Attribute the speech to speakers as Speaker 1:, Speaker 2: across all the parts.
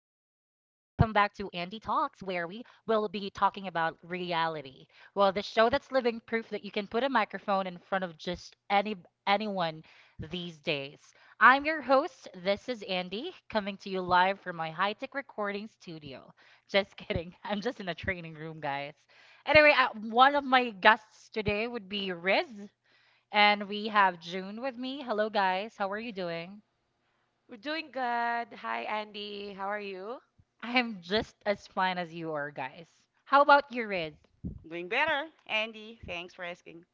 Speaker 1: to Andy Talks, where we will be talking about reality. Well, the show that's living proof that you can put a microphone in front of just anyone these days. I'm your host. This is Andy, coming to you live from my high-tech recording studio. Just kidding. I'm just in a training room, guys. Anyway, one of my guests today would be Riz, and we have June with me. Hello, guys. How are you doing?
Speaker 2: We're doing good. Hi, Andy. How are you?
Speaker 1: I'm just as fine as you are, guys. How about you, Riz?
Speaker 3: Doing better, Andy. Thanks for asking.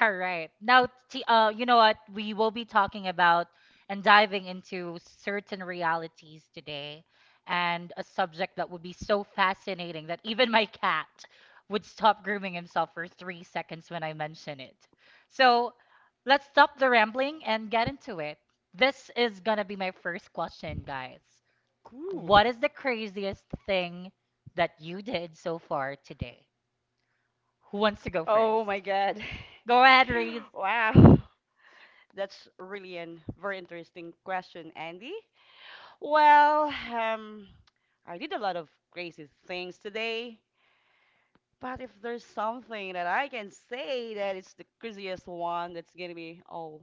Speaker 1: All right. Now, t- you know what? We will be talking about and diving into certain realities today, and a subject that would be so fascinating that even my cat would stop grooming himself for 3 seconds when I mention it. So let's stop the rambling and get into it. This is going to be my first question, guys.
Speaker 3: Cool.
Speaker 1: What is the craziest thing that you did so far today? Who wants to go first?
Speaker 3: Oh my God.
Speaker 1: Go ahead, Reese.
Speaker 3: Wow. That's really a very interesting question, Andy. Well, I did a lot of crazy things today, but if there's something that I can say that it's the craziest one, that's gonna be oh,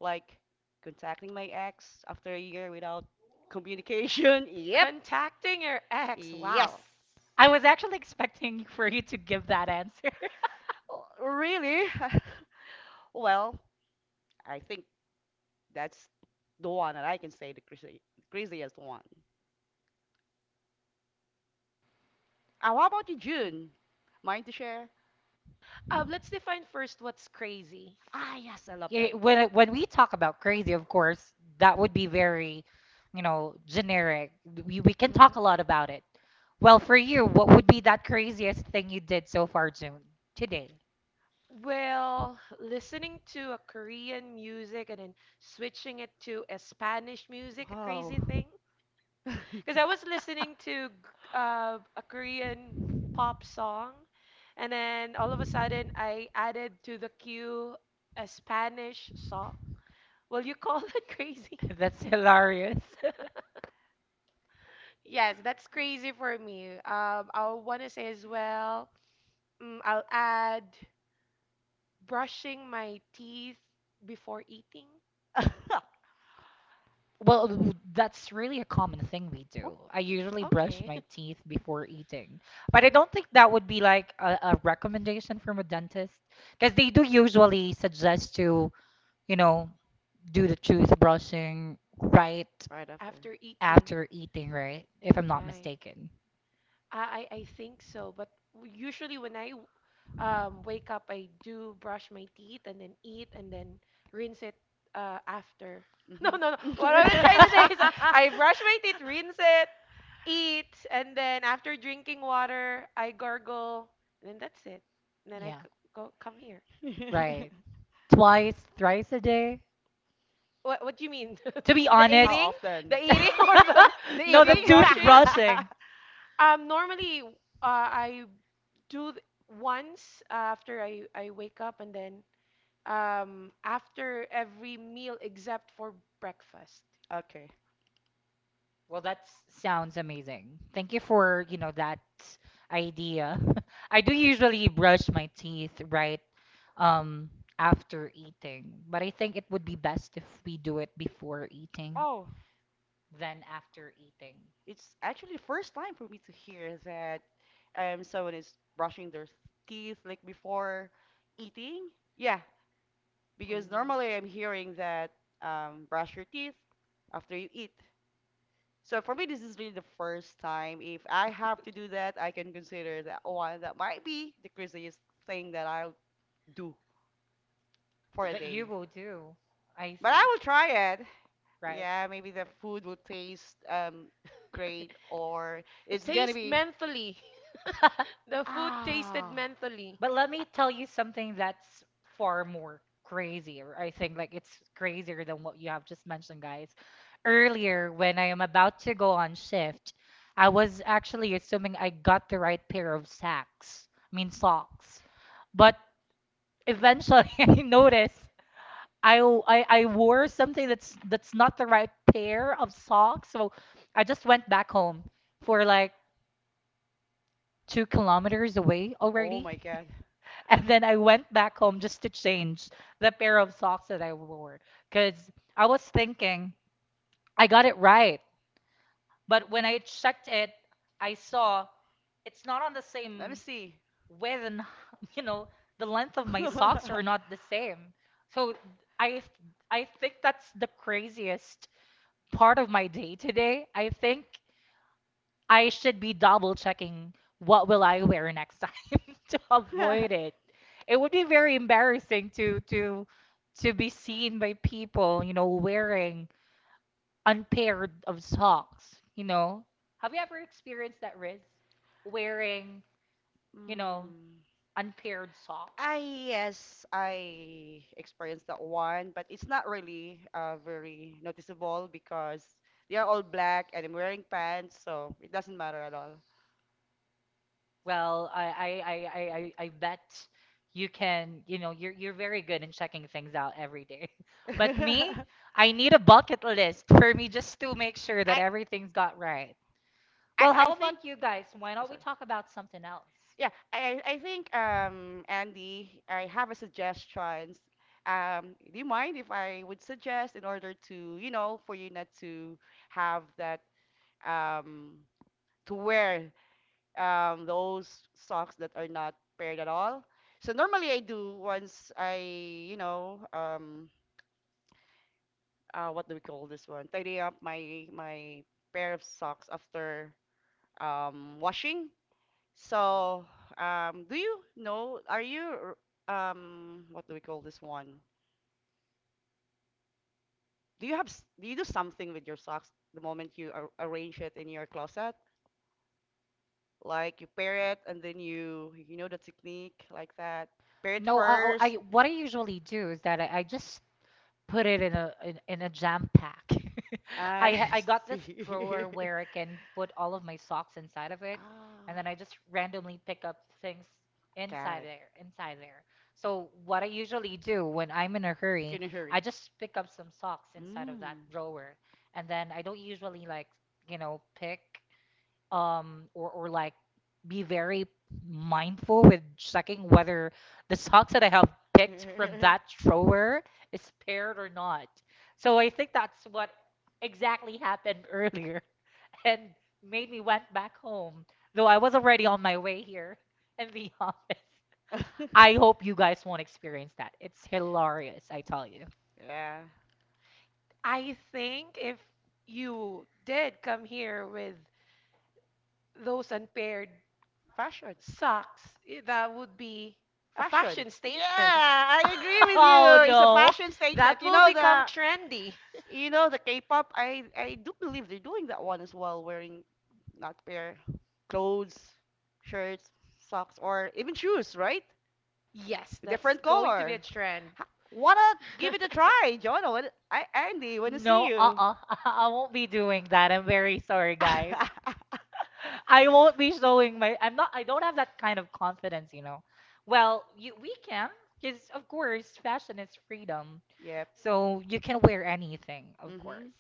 Speaker 3: like contacting my ex after a year without communication. Yep.
Speaker 2: Contacting your ex.
Speaker 3: Yes.
Speaker 2: Wow.
Speaker 1: I was actually expecting for you to give that answer.
Speaker 3: Oh, really? Well, I think that's the one that I can say the craziest one. What about you, June? Mind to share?
Speaker 2: Let's define first what's crazy.
Speaker 3: Ah, yes, I love that.
Speaker 1: Yeah, when we talk about crazy, of course, that would be very, you know, generic. We can
Speaker 2: Mhm.
Speaker 1: talk a lot about it. Well, for you, what would be that craziest thing you did so far, June, today?
Speaker 2: Well, listening to a Korean music and then switching it to a Spanish music, a
Speaker 3: Wow.
Speaker 2: crazy thing. Because I was listening to a Korean pop song, and then all of a sudden I added to the queue a Spanish song. Will you call that crazy?
Speaker 1: That's hilarious.
Speaker 2: Yes, that's crazy for me. I want to say as well, I'll add brushing my teeth before eating.
Speaker 1: Well, that's really a common thing we
Speaker 3: Oh,
Speaker 1: do. I usually brush
Speaker 2: Okay.
Speaker 1: my teeth before eating, but I don't think that would be like a recommendation from a dentist, because they do usually suggest to, you know, do the toothbrushing right
Speaker 3: right after.
Speaker 2: After eating.
Speaker 1: after eating, right? If I'm not
Speaker 2: Right.
Speaker 1: mistaken.
Speaker 2: I think so, but usually when I wake up, I do brush my teeth and then eat and then rinse it after. No, no, no.
Speaker 3: Hmm.
Speaker 2: What I'm trying to say is I brush my teeth, rinse it, eat, and then after drinking water, I gargle, and then that's it. And then
Speaker 1: Yeah,
Speaker 2: go come here.
Speaker 1: right. Twice, thrice a day.
Speaker 2: What do you mean?
Speaker 1: To be
Speaker 3: How
Speaker 1: honest,
Speaker 2: Eating,
Speaker 3: often?
Speaker 2: the eating, or the
Speaker 3: The
Speaker 2: the,
Speaker 1: no, the
Speaker 2: the
Speaker 3: eating?
Speaker 2: brushing?
Speaker 1: toothbrushing.
Speaker 2: Um, normally, uh, I do th- once after I wake up and then after every meal except for breakfast.
Speaker 3: Okay.
Speaker 1: Well, that sounds amazing. Thank you for, you know, that idea. I do usually brush my teeth right um after eating, but I think it would be best if we do it before eating
Speaker 3: Oh,
Speaker 1: than after eating.
Speaker 3: It's actually the first time for me to hear that someone is brushing their teeth like before eating. Yeah,
Speaker 2: Oh.
Speaker 3: because normally I'm hearing that brush your teeth after you eat. So for me, this is really the first time. If I have to do that, I can consider that one that might be the craziest thing that I'll do for a
Speaker 1: That you
Speaker 3: day.
Speaker 1: will do. I
Speaker 3: But
Speaker 1: see.
Speaker 3: I will try it.
Speaker 1: Right.
Speaker 3: Yeah, maybe the food will taste great or
Speaker 2: It
Speaker 3: it's gonna
Speaker 2: tastes
Speaker 3: be.
Speaker 2: mentally. The food tasted
Speaker 3: Ah.
Speaker 2: mentally.
Speaker 1: But let me tell you something that's far more crazier. I think like it's crazier than what you have just mentioned, guys. Earlier, when I am about to go on shift, I was actually assuming I got the right pair of socks. I mean socks. But eventually I noticed I, w- I wore something that's not the right pair of socks. So I just went back home for like 2 kilometers away
Speaker 3: Oh
Speaker 1: already.
Speaker 3: my God.
Speaker 1: And then I went back home just to change the pair of socks that I wore, because I was thinking I got it right. But when I checked it, I saw it's not on the
Speaker 3: Let me
Speaker 1: same
Speaker 3: see.
Speaker 1: width and, you know, the length of my socks are not the same. So I I think that's the craziest part of my day today. I think I should be double checking what will I wear next time to avoid it. It would be very embarrassing to to be seen by people, you know, wearing unpaired of socks, you know. Have you ever experienced that, Riz? Wearing, you know,
Speaker 3: Mm.
Speaker 1: unpaired socks?
Speaker 3: I yes, I experienced that one, but it's not really very noticeable because they are all black and I'm wearing pants, so it doesn't matter at all.
Speaker 1: Well, I bet you can, you know, you're very good in checking things out every day. But me, I need a bucket list for me just to make sure that
Speaker 3: I.
Speaker 1: everything's got right. Well,
Speaker 3: I
Speaker 1: how about
Speaker 3: think.
Speaker 1: you guys? Why don't we
Speaker 3: Sorry.
Speaker 1: talk about something else?
Speaker 3: Yeah, I think Andy, I have a suggestion. Do you mind if I would suggest in order to, you know, for you not to have that, um to wear those socks that are not paired at all? So normally I do once I, you know, what do we call this one? Tidy up my pair of socks after washing. So, do you know, are you, what do we call this one? Do you have, do you do something with your socks the moment you ar arrange it in your closet? Like you pair it and then you know the technique like that. Pair it
Speaker 1: No,
Speaker 3: first.
Speaker 1: what I usually do is that I just put it in a in a jam pack.
Speaker 3: I
Speaker 1: I got this
Speaker 3: see.
Speaker 1: drawer where I can put all of my socks inside of it,
Speaker 3: Ah,
Speaker 1: and then I just randomly pick up things
Speaker 3: got
Speaker 1: inside
Speaker 3: it.
Speaker 1: there, So what I usually do when I'm in a hurry,
Speaker 3: In a hurry.
Speaker 1: I just pick up some socks inside of that
Speaker 3: Mm.
Speaker 1: drawer, and then I don't usually like, you know, pick or like be very mindful with checking whether the socks that I have picked from that drawer is paired or not. So I think that's what exactly happened earlier and made me went back home, though I was already on my way here in the office. I hope you guys won't experience that. It's hilarious, I tell you.
Speaker 3: Yeah.
Speaker 2: I think if you did come here with those unpaired
Speaker 3: Fashion.
Speaker 2: socks, that would be a
Speaker 3: Fashion.
Speaker 2: fashion
Speaker 3: Yeah,
Speaker 2: statement.
Speaker 3: I agree with
Speaker 1: Oh
Speaker 3: you. It's a
Speaker 1: no.
Speaker 3: fashion statement.
Speaker 2: That will become trendy.
Speaker 3: You know the K-pop. I do believe they're doing that one as well, wearing not pair clothes, shirts, socks, or even shoes, right?
Speaker 2: Yes, that's
Speaker 3: Different
Speaker 2: going to be a
Speaker 3: color.
Speaker 2: trend.
Speaker 3: Ha- Wanna give it a try, John? Wanna- I Andy, wanna see
Speaker 1: No,
Speaker 3: you?
Speaker 1: uh-uh. I won't be doing that. I'm very sorry, guys. I won't be showing my I'm not I don't have that kind of confidence, you know. Well, you we can, because of course, fashion is freedom.
Speaker 3: Yep.
Speaker 1: So you can wear anything, of
Speaker 3: Mhm.
Speaker 1: course.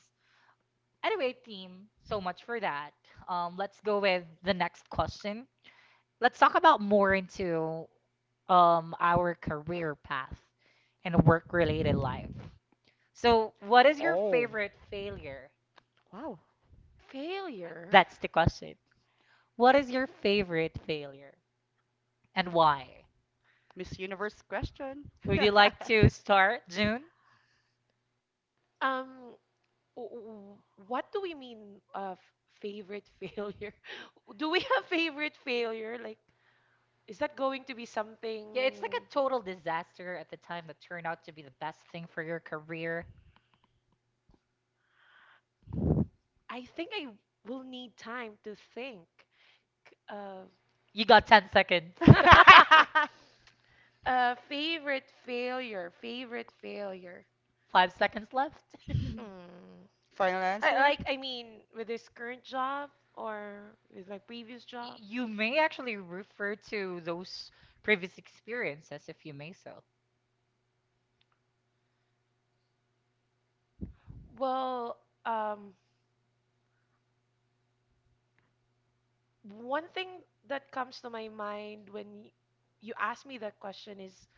Speaker 1: Anyway, team, so much for that. Let's go with the next question. Let's talk about more into our career path and work-related life. So, what is your
Speaker 3: Oh,
Speaker 1: favorite failure?
Speaker 3: wow.
Speaker 2: Failure.
Speaker 1: That's the question. What is your favorite failure and why?
Speaker 3: Miss Universe question.
Speaker 1: Would you like to start, June?
Speaker 2: Um, w- what do we mean of favorite failure? Do we have favorite failure? Like, is that going to be
Speaker 1: Yeah, it's like
Speaker 2: something?
Speaker 1: a total disaster at the time that turned out to be the best thing for your career.
Speaker 2: I think I will need time to think. Uh,
Speaker 1: You got 10 seconds.
Speaker 2: Favorite failure, favorite failure.
Speaker 1: 5 seconds left. Y-
Speaker 2: Mm.
Speaker 3: Final answer?
Speaker 2: I mean, with this current job or with my previous job?
Speaker 1: You may actually refer to those previous experiences if you may so.
Speaker 2: Well, um, One thing that comes to my mind when you ask me that question is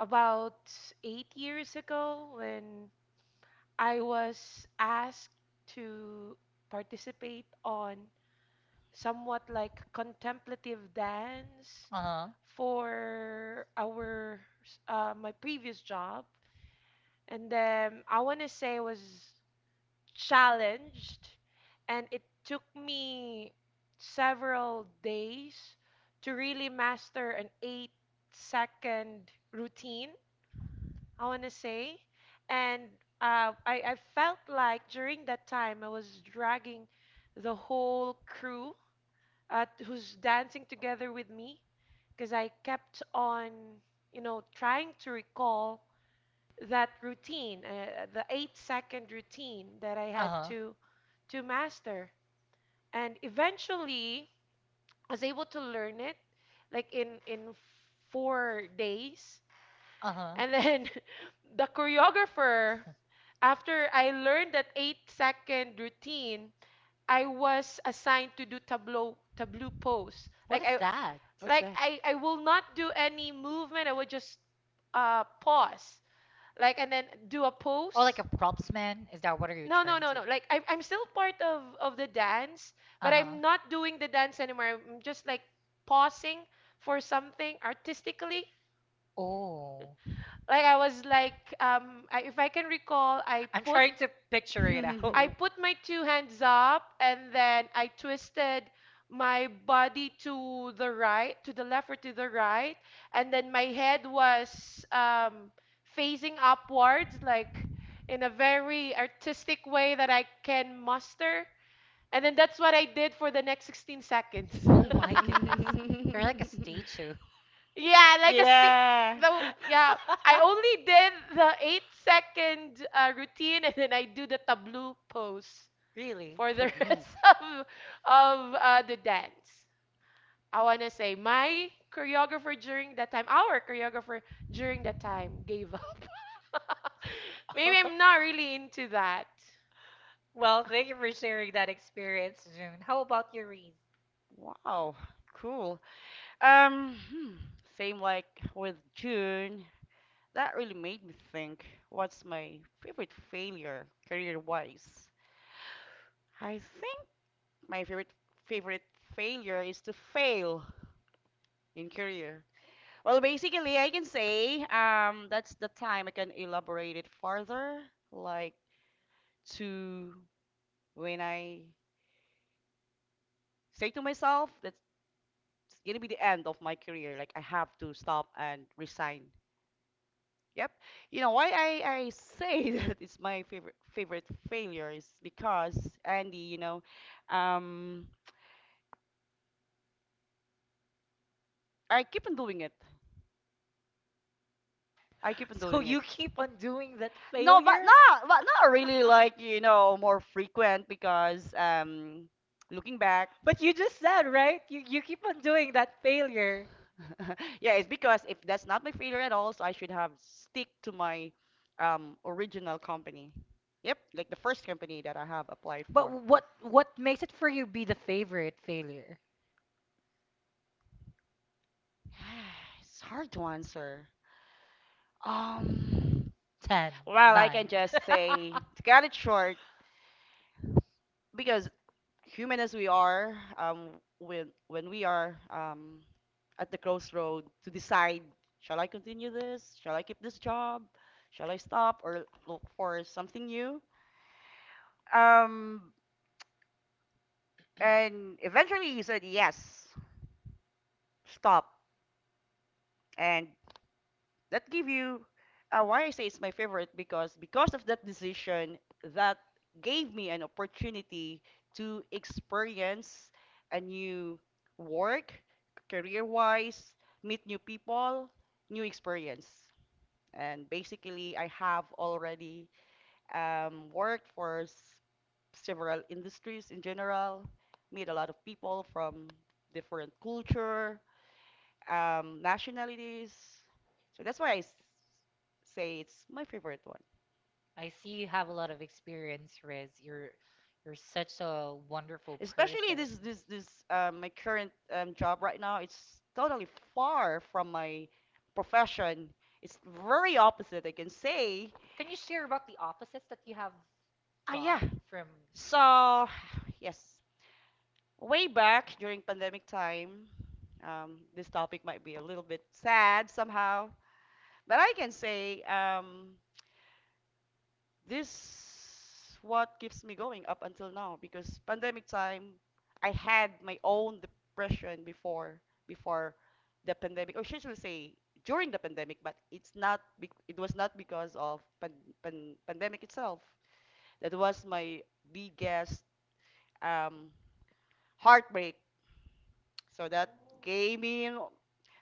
Speaker 2: about 8 years ago when I was asked to participate on somewhat like contemplative dance
Speaker 1: Uh-huh.
Speaker 2: for our my previous job, and then I want to say it was challenged and it took me several days to really master an 8 second routine, I want to say. And I felt like during that time I was dragging the whole crew, who's dancing together with me because I kept on, you know, trying to recall that routine, the 8 second routine that I had
Speaker 1: Uh-huh.
Speaker 2: to master. And eventually, I was able to learn it like in 4 days.
Speaker 1: Uh-huh.
Speaker 2: And then the choreographer, after I learned that 8 second routine, I was assigned to do tableau pose.
Speaker 1: What is that?
Speaker 3: What's
Speaker 2: Like
Speaker 3: that?
Speaker 2: I will not do any movement. I would just pause, like, and then do a
Speaker 1: Oh, like
Speaker 2: pose.
Speaker 1: a props man? Is that what are you
Speaker 2: No, no,
Speaker 1: trying
Speaker 2: no,
Speaker 1: to?
Speaker 2: no, like I'm still part of the dance, but
Speaker 1: Uh-huh.
Speaker 2: I'm not doing the dance anymore. I'm just like pausing for something artistically.
Speaker 1: Oh.
Speaker 2: Like I was like I, if I can recall,
Speaker 1: I'm trying to picture it out.
Speaker 2: I put my two hands up and then I twisted my body to the right, to the left or to the right, and then my head was, facing upwards, like in a very artistic way that I can muster. And then that's what I did for the next 16 seconds.
Speaker 1: Oh my goodness. You're like a statue.
Speaker 2: Yeah, like a sti-
Speaker 3: Yeah.
Speaker 2: the yeah. I only did the 8 second routine, and then I do the tableau pose
Speaker 1: Really?
Speaker 2: for
Speaker 3: To
Speaker 2: the
Speaker 3: glue.
Speaker 2: rest of the dance. I wanna say my choreographer during that time, our choreographer during that time gave up. Maybe I'm not really into that.
Speaker 1: Well, thank you for sharing that experience, June. How about your Reese?
Speaker 3: Wow, cool. Um, hmm, same like with June. That really made me think, what's my favorite failure career-wise? I think my favorite failure is to fail in career. Well, basically, I can say that's the time I can elaborate it further, like to when I say to myself that's gonna be the end of my career, like I have to stop and resign. Yep. You know why I say that it's my favorite failure is because, Andy, you know, um, I keep on doing it. I keep on
Speaker 1: So
Speaker 3: doing it.
Speaker 1: you keep on doing that
Speaker 3: No, but
Speaker 1: failure?
Speaker 3: not really, like, you know, more frequent, because looking back,
Speaker 1: But you just said, right? You keep on doing that failure.
Speaker 3: yeah, it's because if that's not my failure at all, so I should have stick to my original company. Yep, like the first company that I have applied
Speaker 1: But
Speaker 3: for.
Speaker 1: what makes it for you be the favorite failure?
Speaker 3: It's hard to answer. Um,
Speaker 1: Ten,
Speaker 3: well, I can
Speaker 1: nine.
Speaker 3: just say, to cut it short, because human as we are, when we are at the crossroad to decide, shall I continue this? Shall I keep this job? Shall I stop or look for something new? Um, and eventually you said yes, stop, and that give you why I say it's my favorite, because of that decision that gave me an opportunity to experience a new work, career wise, meet new people, new experience. And basically, I have already worked for several industries in general, meet a lot of people from different culture, nationalities. So that's why say it's my favorite one.
Speaker 1: I see you have a lot of experience, Riz. You're such a wonderful
Speaker 3: Especially
Speaker 1: person.
Speaker 3: this my current job right now. It's totally far from my profession. It's very opposite, I can say.
Speaker 1: Can you share about the opposites that you have
Speaker 3: Ah, yeah.
Speaker 1: got from?
Speaker 3: So, yes, way back during pandemic time, this topic might be a little bit sad somehow, but I can say this what keeps me going up until now, because pandemic time I had my own depression before, before the pandemic, or should I say during the pandemic, but it's not it was not because of pandemic itself. That was my biggest um heartbreak, so that gave me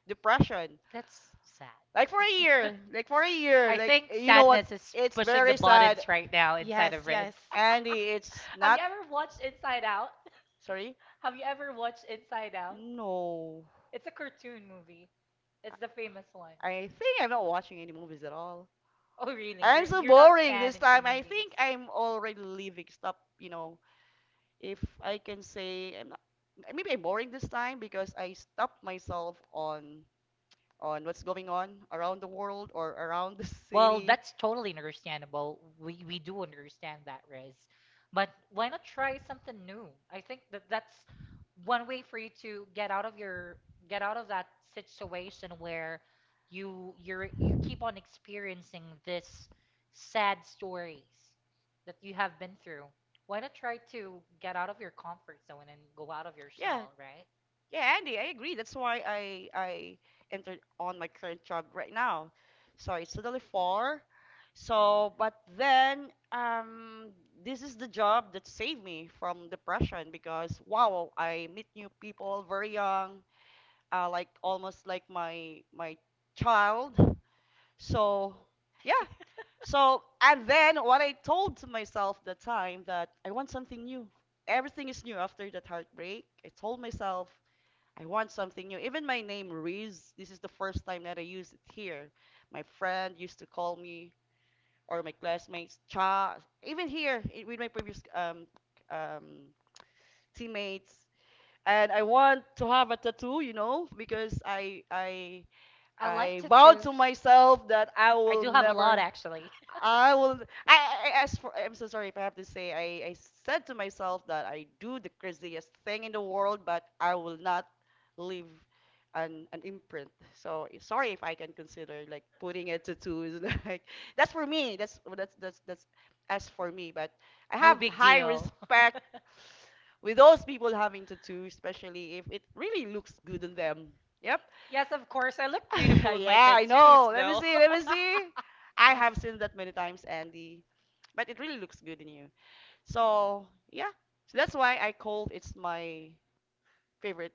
Speaker 3: depression
Speaker 1: That's sad.
Speaker 3: like for a year,
Speaker 1: I
Speaker 3: like,
Speaker 1: think
Speaker 3: you know what,
Speaker 1: sadness is
Speaker 3: it's
Speaker 1: pushing the
Speaker 3: very sad.
Speaker 1: buttons right now inside of
Speaker 2: Yes,
Speaker 1: Riz.
Speaker 2: yes.
Speaker 3: And it's
Speaker 1: Have you
Speaker 3: not.
Speaker 1: ever watched Inside Out?
Speaker 3: Sorry?
Speaker 1: Have you ever watched Inside Out?
Speaker 3: No.
Speaker 1: It's a cartoon movie. It's the famous one.
Speaker 3: I think I'm not watching any movies at all.
Speaker 1: Oh, really?
Speaker 3: I'm so
Speaker 1: You're not
Speaker 3: boring this
Speaker 1: fan into
Speaker 3: time. I think
Speaker 1: movies.
Speaker 3: I'm already leaving. Stop, you know. If I can say I'm not, maybe I'm boring this time because I stopped myself on, what's going on around the world or around the
Speaker 1: Well,
Speaker 3: city.
Speaker 1: that's totally understandable. We do understand that, Riz. But why not try something new? I think that that's one way for you to get out of your get out of that situation where you you keep on experiencing this sad stories that you have been through. Why not try to get out of your comfort zone and go out of your
Speaker 3: Yeah, right?
Speaker 1: shell, right?
Speaker 3: Yeah, Andy, I agree. That's why I entered on my current job right now. So it's totally far. So, but then, this is the job that saved me from depression, because wow, I meet new people very young, like almost like my child. So yeah, so, and then what I told to myself the time that I want something new. Everything is new after that heartbreak. I told myself I want something new. Even my name Riz, this is the first time that I use it here. My friend used to call me or my classmates Cha. Even here, with my previous um teammates. And I want to have a tattoo, you know, because
Speaker 1: I like
Speaker 3: I vowed
Speaker 1: tattoos.
Speaker 3: to myself that I
Speaker 1: I
Speaker 3: will
Speaker 1: do have a lot
Speaker 3: never.
Speaker 1: actually.
Speaker 3: I will. I as for, I'm so sorry if I have to say, I said to myself that I do the craziest thing in the world, but I will not leave an imprint. So, sorry if I can consider like putting it to two is, like, that's for me. That's, well, that's as for me. But I
Speaker 1: No
Speaker 3: have
Speaker 1: big
Speaker 3: high
Speaker 1: deal.
Speaker 3: respect with those people having tattoos, especially if it really looks good on them. Yep.
Speaker 1: Yes, of course. I look beautiful with my
Speaker 3: Yeah, I
Speaker 1: tattoos,
Speaker 3: know. Let me
Speaker 1: though.
Speaker 3: see. Let me see. I have seen that many times, Andy. But it really looks good in you. So, yeah. So that's why I called it's my favorite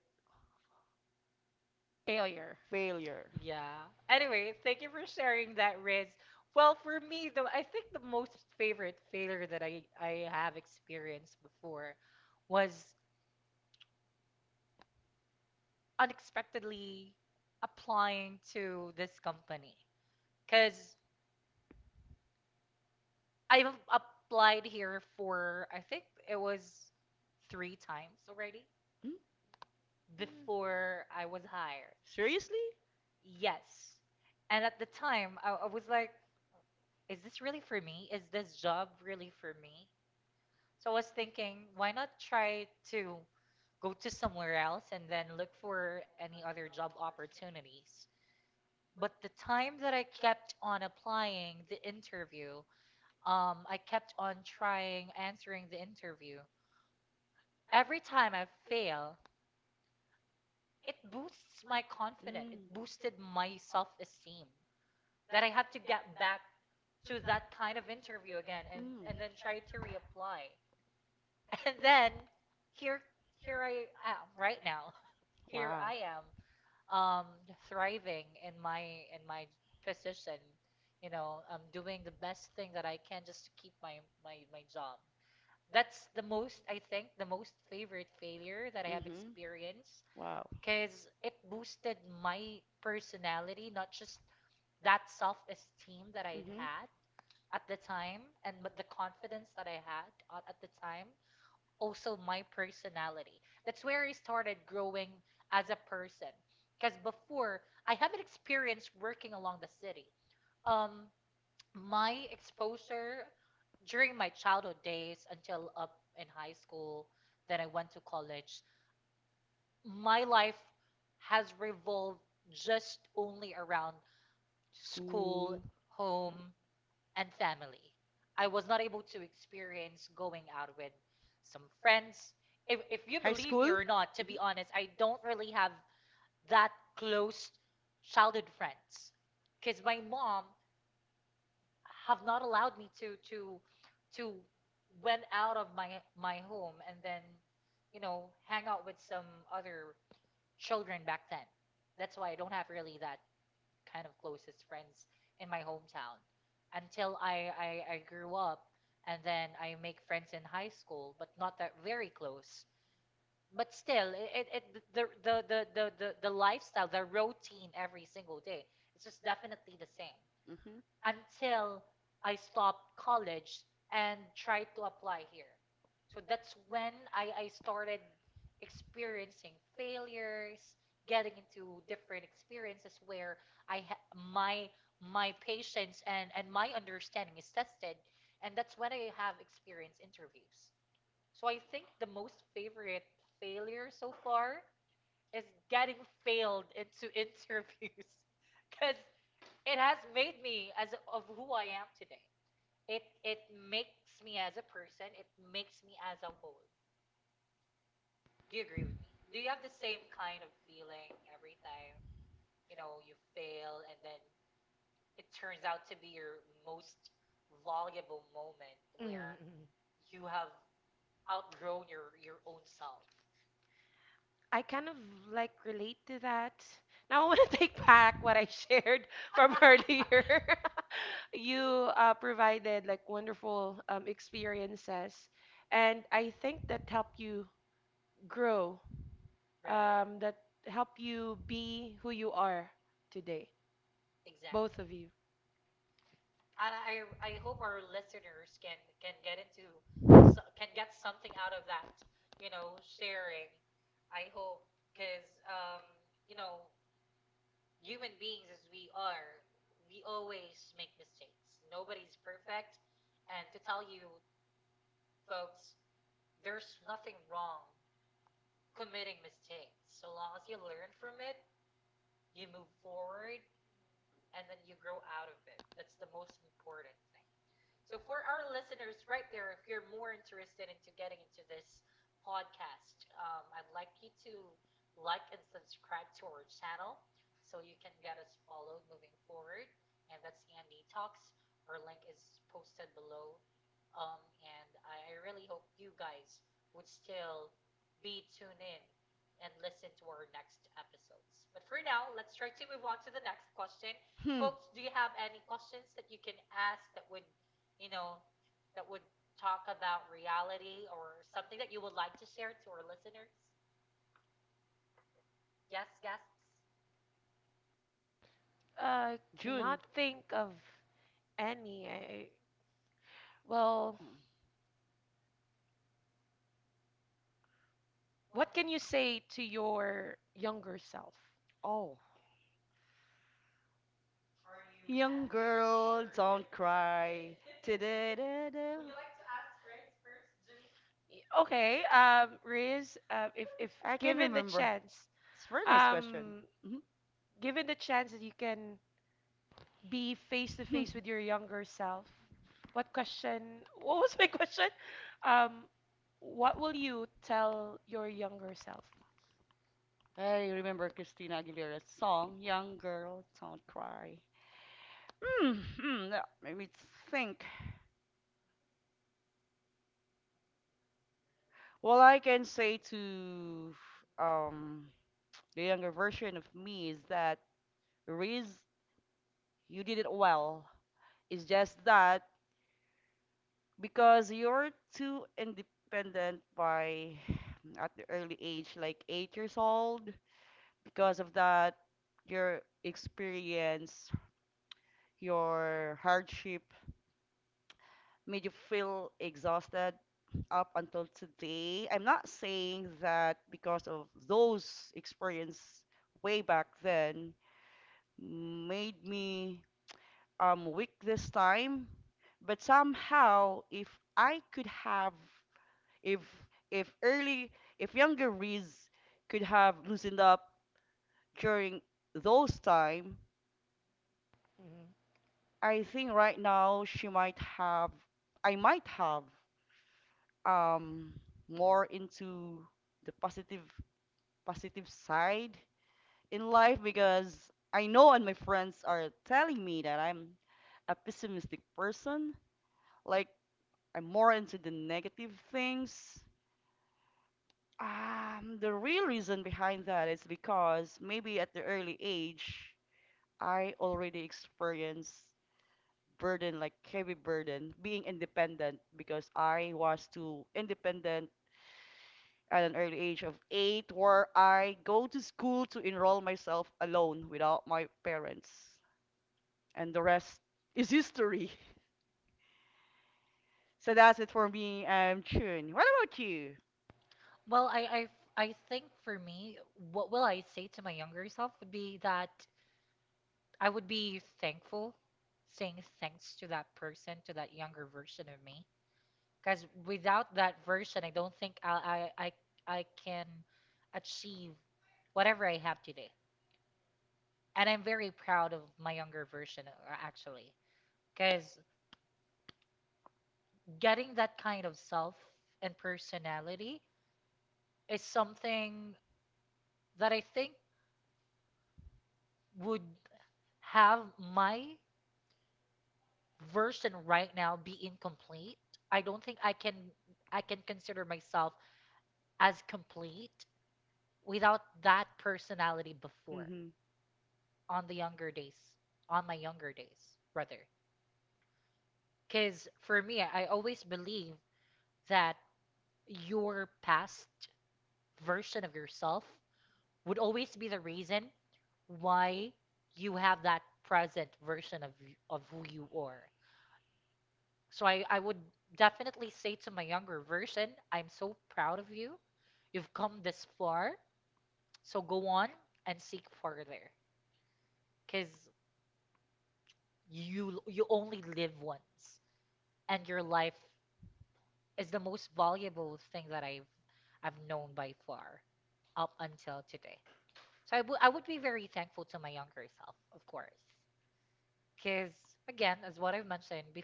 Speaker 2: Failure.
Speaker 3: failure.
Speaker 1: Yeah. Anyway, thank you for sharing that, Riz. Well, for me, though, I think the most favorite failure that I have experienced before was unexpectedly applying to this company. Because I've applied here for, I think it was three times already
Speaker 3: Hmm?
Speaker 1: before I was hired.
Speaker 3: Seriously?
Speaker 1: Yes. And at the time, I was like, is this really for me? Is this job really for me? So I was thinking, why not try to go to somewhere else and then look for any other job opportunities? But the time that I kept on applying the interview, I kept on trying answering the interview. Every time I fail, it boosts my
Speaker 3: Mm.
Speaker 1: confidence.
Speaker 3: Mm.
Speaker 1: It boosted my self-esteem that I have to get back to that kind of interview again, and then try to reapply. And then here here I am right now. Here
Speaker 3: Wow.
Speaker 1: I am um thriving in my position. You know, I'm doing the best thing that I can just to keep my my job. That's the most I think the most favorite failure that I have
Speaker 3: Hmm.
Speaker 1: experienced,
Speaker 3: Wow.
Speaker 1: because it boosted my personality, not just that self-esteem that I'd
Speaker 3: Hmm.
Speaker 1: had at the time, and but the confidence that I had at the time, also my personality. That's where I started growing as a person. Because before, I haven't experienced working along the city. Um, my exposure during my childhood days until up in high school, then I went to college, my life has revolved just only around school,
Speaker 3: School.
Speaker 1: home, and family. I was not able to experience going out with some friends. If you
Speaker 3: High
Speaker 1: believe me
Speaker 3: school?
Speaker 1: or not, to
Speaker 3: Hmm.
Speaker 1: be honest, I don't really have that close childhood friends, because my mom have not allowed me to went out of my home, and then you know hang out with some other children back then. That's why I don't have really that kind of closest friends in my hometown until I grew up, and then I make friends in high school, but not that very close. But still, it the, lifestyle, the routine every single day, it's just definitely the same
Speaker 3: Hmm.
Speaker 1: until I stopped college and tried to apply here. So that's when I started experiencing failures, getting into different experiences where I ha- my my patience and my understanding is tested, and that's when I have experienced interviews. So I think the most favorite failure so far is getting failed into interviews because it has made me as of who I am today. It makes me as a person. It makes me as a whole. Do you agree with me? Do you have the same kind of feeling every time you fail and then it turns out to be your most valuable moment where
Speaker 2: Mm.
Speaker 1: you have outgrown your own self.
Speaker 2: I kind of like relate to that. Now I want to take back what I shared from earlier. You provided like wonderful, experiences, and I think that help you grow, that
Speaker 1: Right.
Speaker 2: help you be who you are today,
Speaker 1: Exactly.
Speaker 2: both of you.
Speaker 1: And I hope our listeners can get into can get something out of that, sharing. I hope because you know, human beings as we are, we always make mistakes. Nobody's perfect, and to tell you folks, there's nothing wrong committing mistakes. So long as you learn from it, you move forward, and then you grow out of it. That's the most important thing. So for our listeners right there, if you're more interested into getting into this podcast, I'd like you to like and subscribe to our channel so you can get us followed moving forward. And that's Andy Talks. Our link is posted below. And I really hope you guys would still be tuned in and listen to our next episodes. But for now, let's try to move on to the next question.
Speaker 3: Hmm.
Speaker 1: Folks, do you have any questions that you can ask that would you know, that would talk about reality or something that you would like to share to our listeners? Yes, guests.
Speaker 2: I
Speaker 3: June.
Speaker 2: cannot think of any. Well,
Speaker 3: Mm.
Speaker 2: what can you say to your younger self?
Speaker 3: Oh. Young girl, don't cry. Da-da-da-da.
Speaker 2: Okay, Riz, if
Speaker 3: I can
Speaker 2: given the
Speaker 3: remember.
Speaker 2: chance,
Speaker 3: It's a very nice question.
Speaker 2: um,
Speaker 3: Hmm.
Speaker 2: given the chance that you can be face to face with your younger self, what question? What was my question? Um, what will you tell your younger self?
Speaker 3: I remember Christina Aguilera's song, Young Girl, Don't Cry. Mm-hmm. Let me think. What I can say to um the younger version of me is that, Riz, you did it well. It's just that because you're too independent by at the early age, like 8 years old, because of that, your experience, your hardship made you feel exhausted up until today. I'm not saying that because of those experience way back then made me weak this time, but somehow if I could have, if if early if younger Riz could have loosened up during those time,
Speaker 2: Mhm.
Speaker 3: I think right now she might have I might have um more into the positive side in life, because I know and my friends are telling me that I'm a pessimistic person. Like, I'm more into the negative things. The real reason behind that is because maybe at the early age, I already experienced burden, like heavy burden, being independent because I was too independent at an early age of eight, where I go to school to enroll myself alone without my parents. And the rest is history. So that's it for me, Chun. What about you?
Speaker 1: Well, I think for me, what will I say to my younger self would be that I would be thankful, saying thanks to that person, to that younger version of me. Because without that version, I don't think I can achieve whatever I have today. And I'm very proud of my younger version, actually. Because getting that kind of self and personality is something that I think would have my version right now be incomplete. I don't think I can consider myself as complete without that personality before
Speaker 3: Mm-hmm.
Speaker 1: on the younger days, on my younger days, rather. Cuz for me, I always believe that your past version of yourself would always be the reason why you have that present version of of who you are. So I would definitely say to my younger version, I'm so proud of you. You've come this far, so go on and seek further, because you only live once, and your life is the most valuable thing that I've known by far up until today. So I would be very thankful to my younger self, of course. Because, again, as what I've mentioned, bef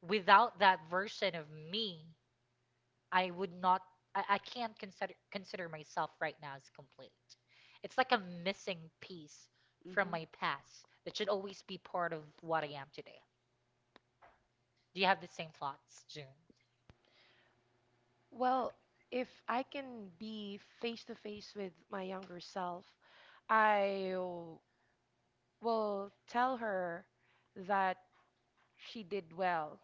Speaker 1: without that version of me, I would not, I can't consider myself right now as complete. It's like a missing piece from
Speaker 3: Mm-hmm.
Speaker 1: my past that should always be part of what I am today. Do you have the same thoughts, June?
Speaker 2: Well, if I can be face to face with my younger self, I w- will tell her that she did well.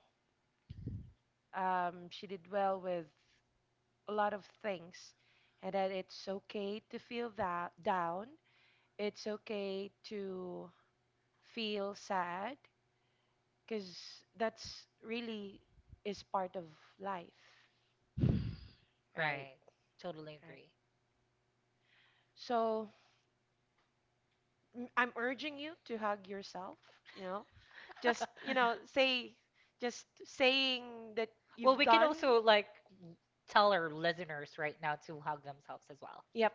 Speaker 2: She did well with a lot of things, and that it's okay to feel that down. It's okay to feel sad because that's really is part of life, right?
Speaker 1: Right. Totally
Speaker 2: Right.
Speaker 1: agree.
Speaker 2: So I'm urging you to hug yourself, you know, just, you know, say, just saying that you've
Speaker 1: Well,
Speaker 2: oh, wait,
Speaker 1: we can
Speaker 2: done. So,
Speaker 1: also
Speaker 2: like—
Speaker 1: like tell our listeners right now to hug themselves as well.
Speaker 2: Yep.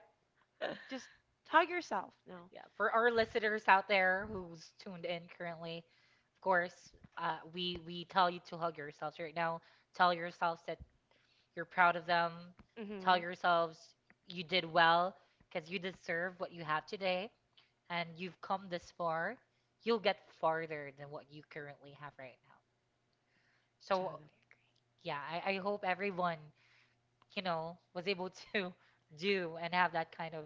Speaker 2: Just hug yourself. No.
Speaker 1: Yeah, for our listeners out there who's tuned in currently, of course, we we tell you to hug yourselves right now. Tell yourselves that you're proud of them. Tell
Speaker 2: Mm-hmm.
Speaker 1: yourselves you did well because you deserve what you have today, and you've come this far. You'll get farther than what you currently have right now.
Speaker 2: Totally
Speaker 1: So
Speaker 2: agree.
Speaker 1: yeah, I hope everyone was able to do and have that kind of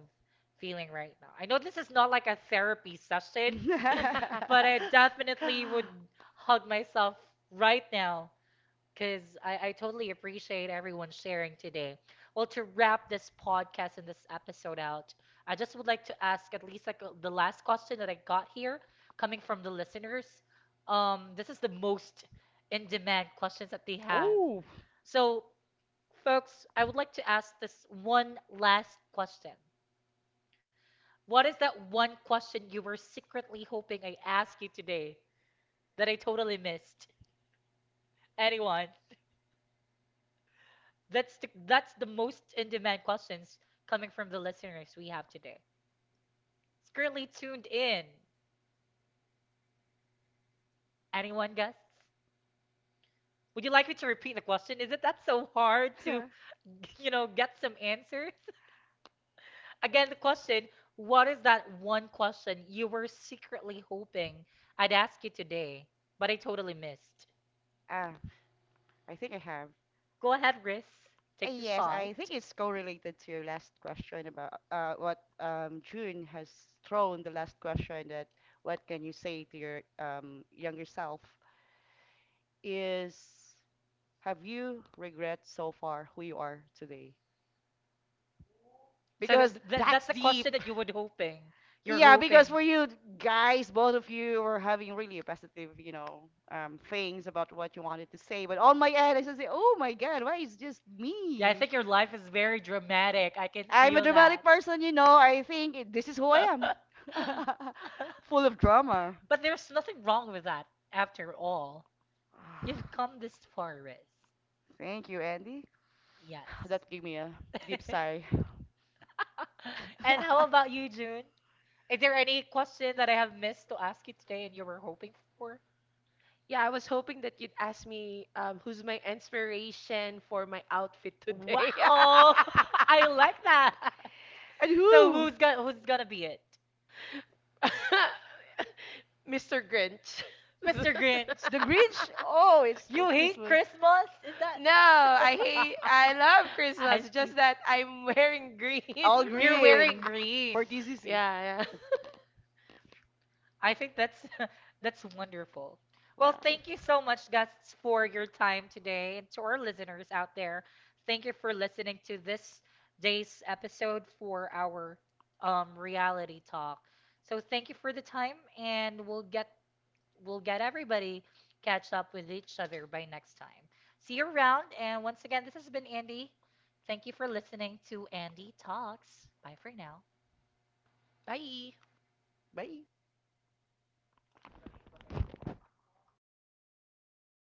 Speaker 1: feeling right now. I know this is not like a therapy session but I definitely would hug myself right now because I totally appreciate everyone sharing today. Well, to wrap this podcast and this episode out, I just would like to ask at least like the last question that I got here coming from the listeners. This is the most in demand questions that they have.
Speaker 3: Oh.
Speaker 1: So, folks, I would like to ask this one last question. What is that one question you were secretly hoping I asked you today? That I totally missed? Anyone? That's the most in-demand questions coming from the listeners we have today. It's currently tuned in. Anyone guess? Would you like me to repeat the question? Is it that so hard to, you know, get some answers? Again, the question, what is that one question you were secretly hoping I'd ask you today, but I totally missed?
Speaker 3: Ah, I think I have.
Speaker 1: Go ahead, Riz.
Speaker 3: Uh,
Speaker 1: Take the
Speaker 3: Yes,
Speaker 1: shot.
Speaker 3: I think it's correlated to your last question about, what June has thrown. The last question, that, what can you say to your younger self, is, have you regret so far who you are today?
Speaker 1: So th
Speaker 3: Because,
Speaker 1: th that's
Speaker 2: That's
Speaker 1: the
Speaker 2: deep.
Speaker 1: question that you would hoping. You're
Speaker 3: yeah,
Speaker 1: hoping.
Speaker 3: because for you guys, both of you were having really positive, you know, things about what you wanted to say. But on my end, I just say, "Oh my God, why is just
Speaker 1: Yeah, I
Speaker 3: me?"
Speaker 1: think your life is very dramatic. I can
Speaker 3: I'm a
Speaker 1: feel that.
Speaker 3: dramatic person, you know. I think, this is who I am, full of drama.
Speaker 1: But there's nothing wrong with that after all. You've come this far, Riz.
Speaker 3: Thank you, Andy.
Speaker 1: Yes.
Speaker 3: That gave me a deep sigh.
Speaker 1: And how
Speaker 3: Oh.
Speaker 1: about you, June? Is there any question that I have missed to ask you today and you were hoping for?
Speaker 2: Yeah, I was hoping that you'd ask me, who's my inspiration for my outfit today.
Speaker 1: Wow,
Speaker 3: Oh.
Speaker 1: I like that.
Speaker 3: And
Speaker 1: So
Speaker 3: who?
Speaker 1: who's gonna be it?
Speaker 2: Mr. Grinch.
Speaker 1: Mr. Grinch,
Speaker 3: The Grinch? Oh, it's for
Speaker 1: you hate
Speaker 3: Christmas.
Speaker 1: Christmas? Is that?
Speaker 2: No, I hate, I love
Speaker 1: I
Speaker 2: Christmas.
Speaker 1: see.
Speaker 2: Just that I'm wearing green.
Speaker 3: All
Speaker 1: You're wearing
Speaker 3: green
Speaker 1: green.
Speaker 3: for TCC.
Speaker 2: Yeah, yeah.
Speaker 1: I think that's that's wonderful. Well,
Speaker 3: Wow.
Speaker 1: thank you so much, Gus, for your time today, and to our listeners out there, thank you for listening to this day's episode for our reality talk. So thank you for the time, and we'll get everybody catch up with each other by next time. See you around, and once again, this has been Andy. Thank you for listening to Andy Talks. Bye for now.
Speaker 2: Bye.
Speaker 3: Bye.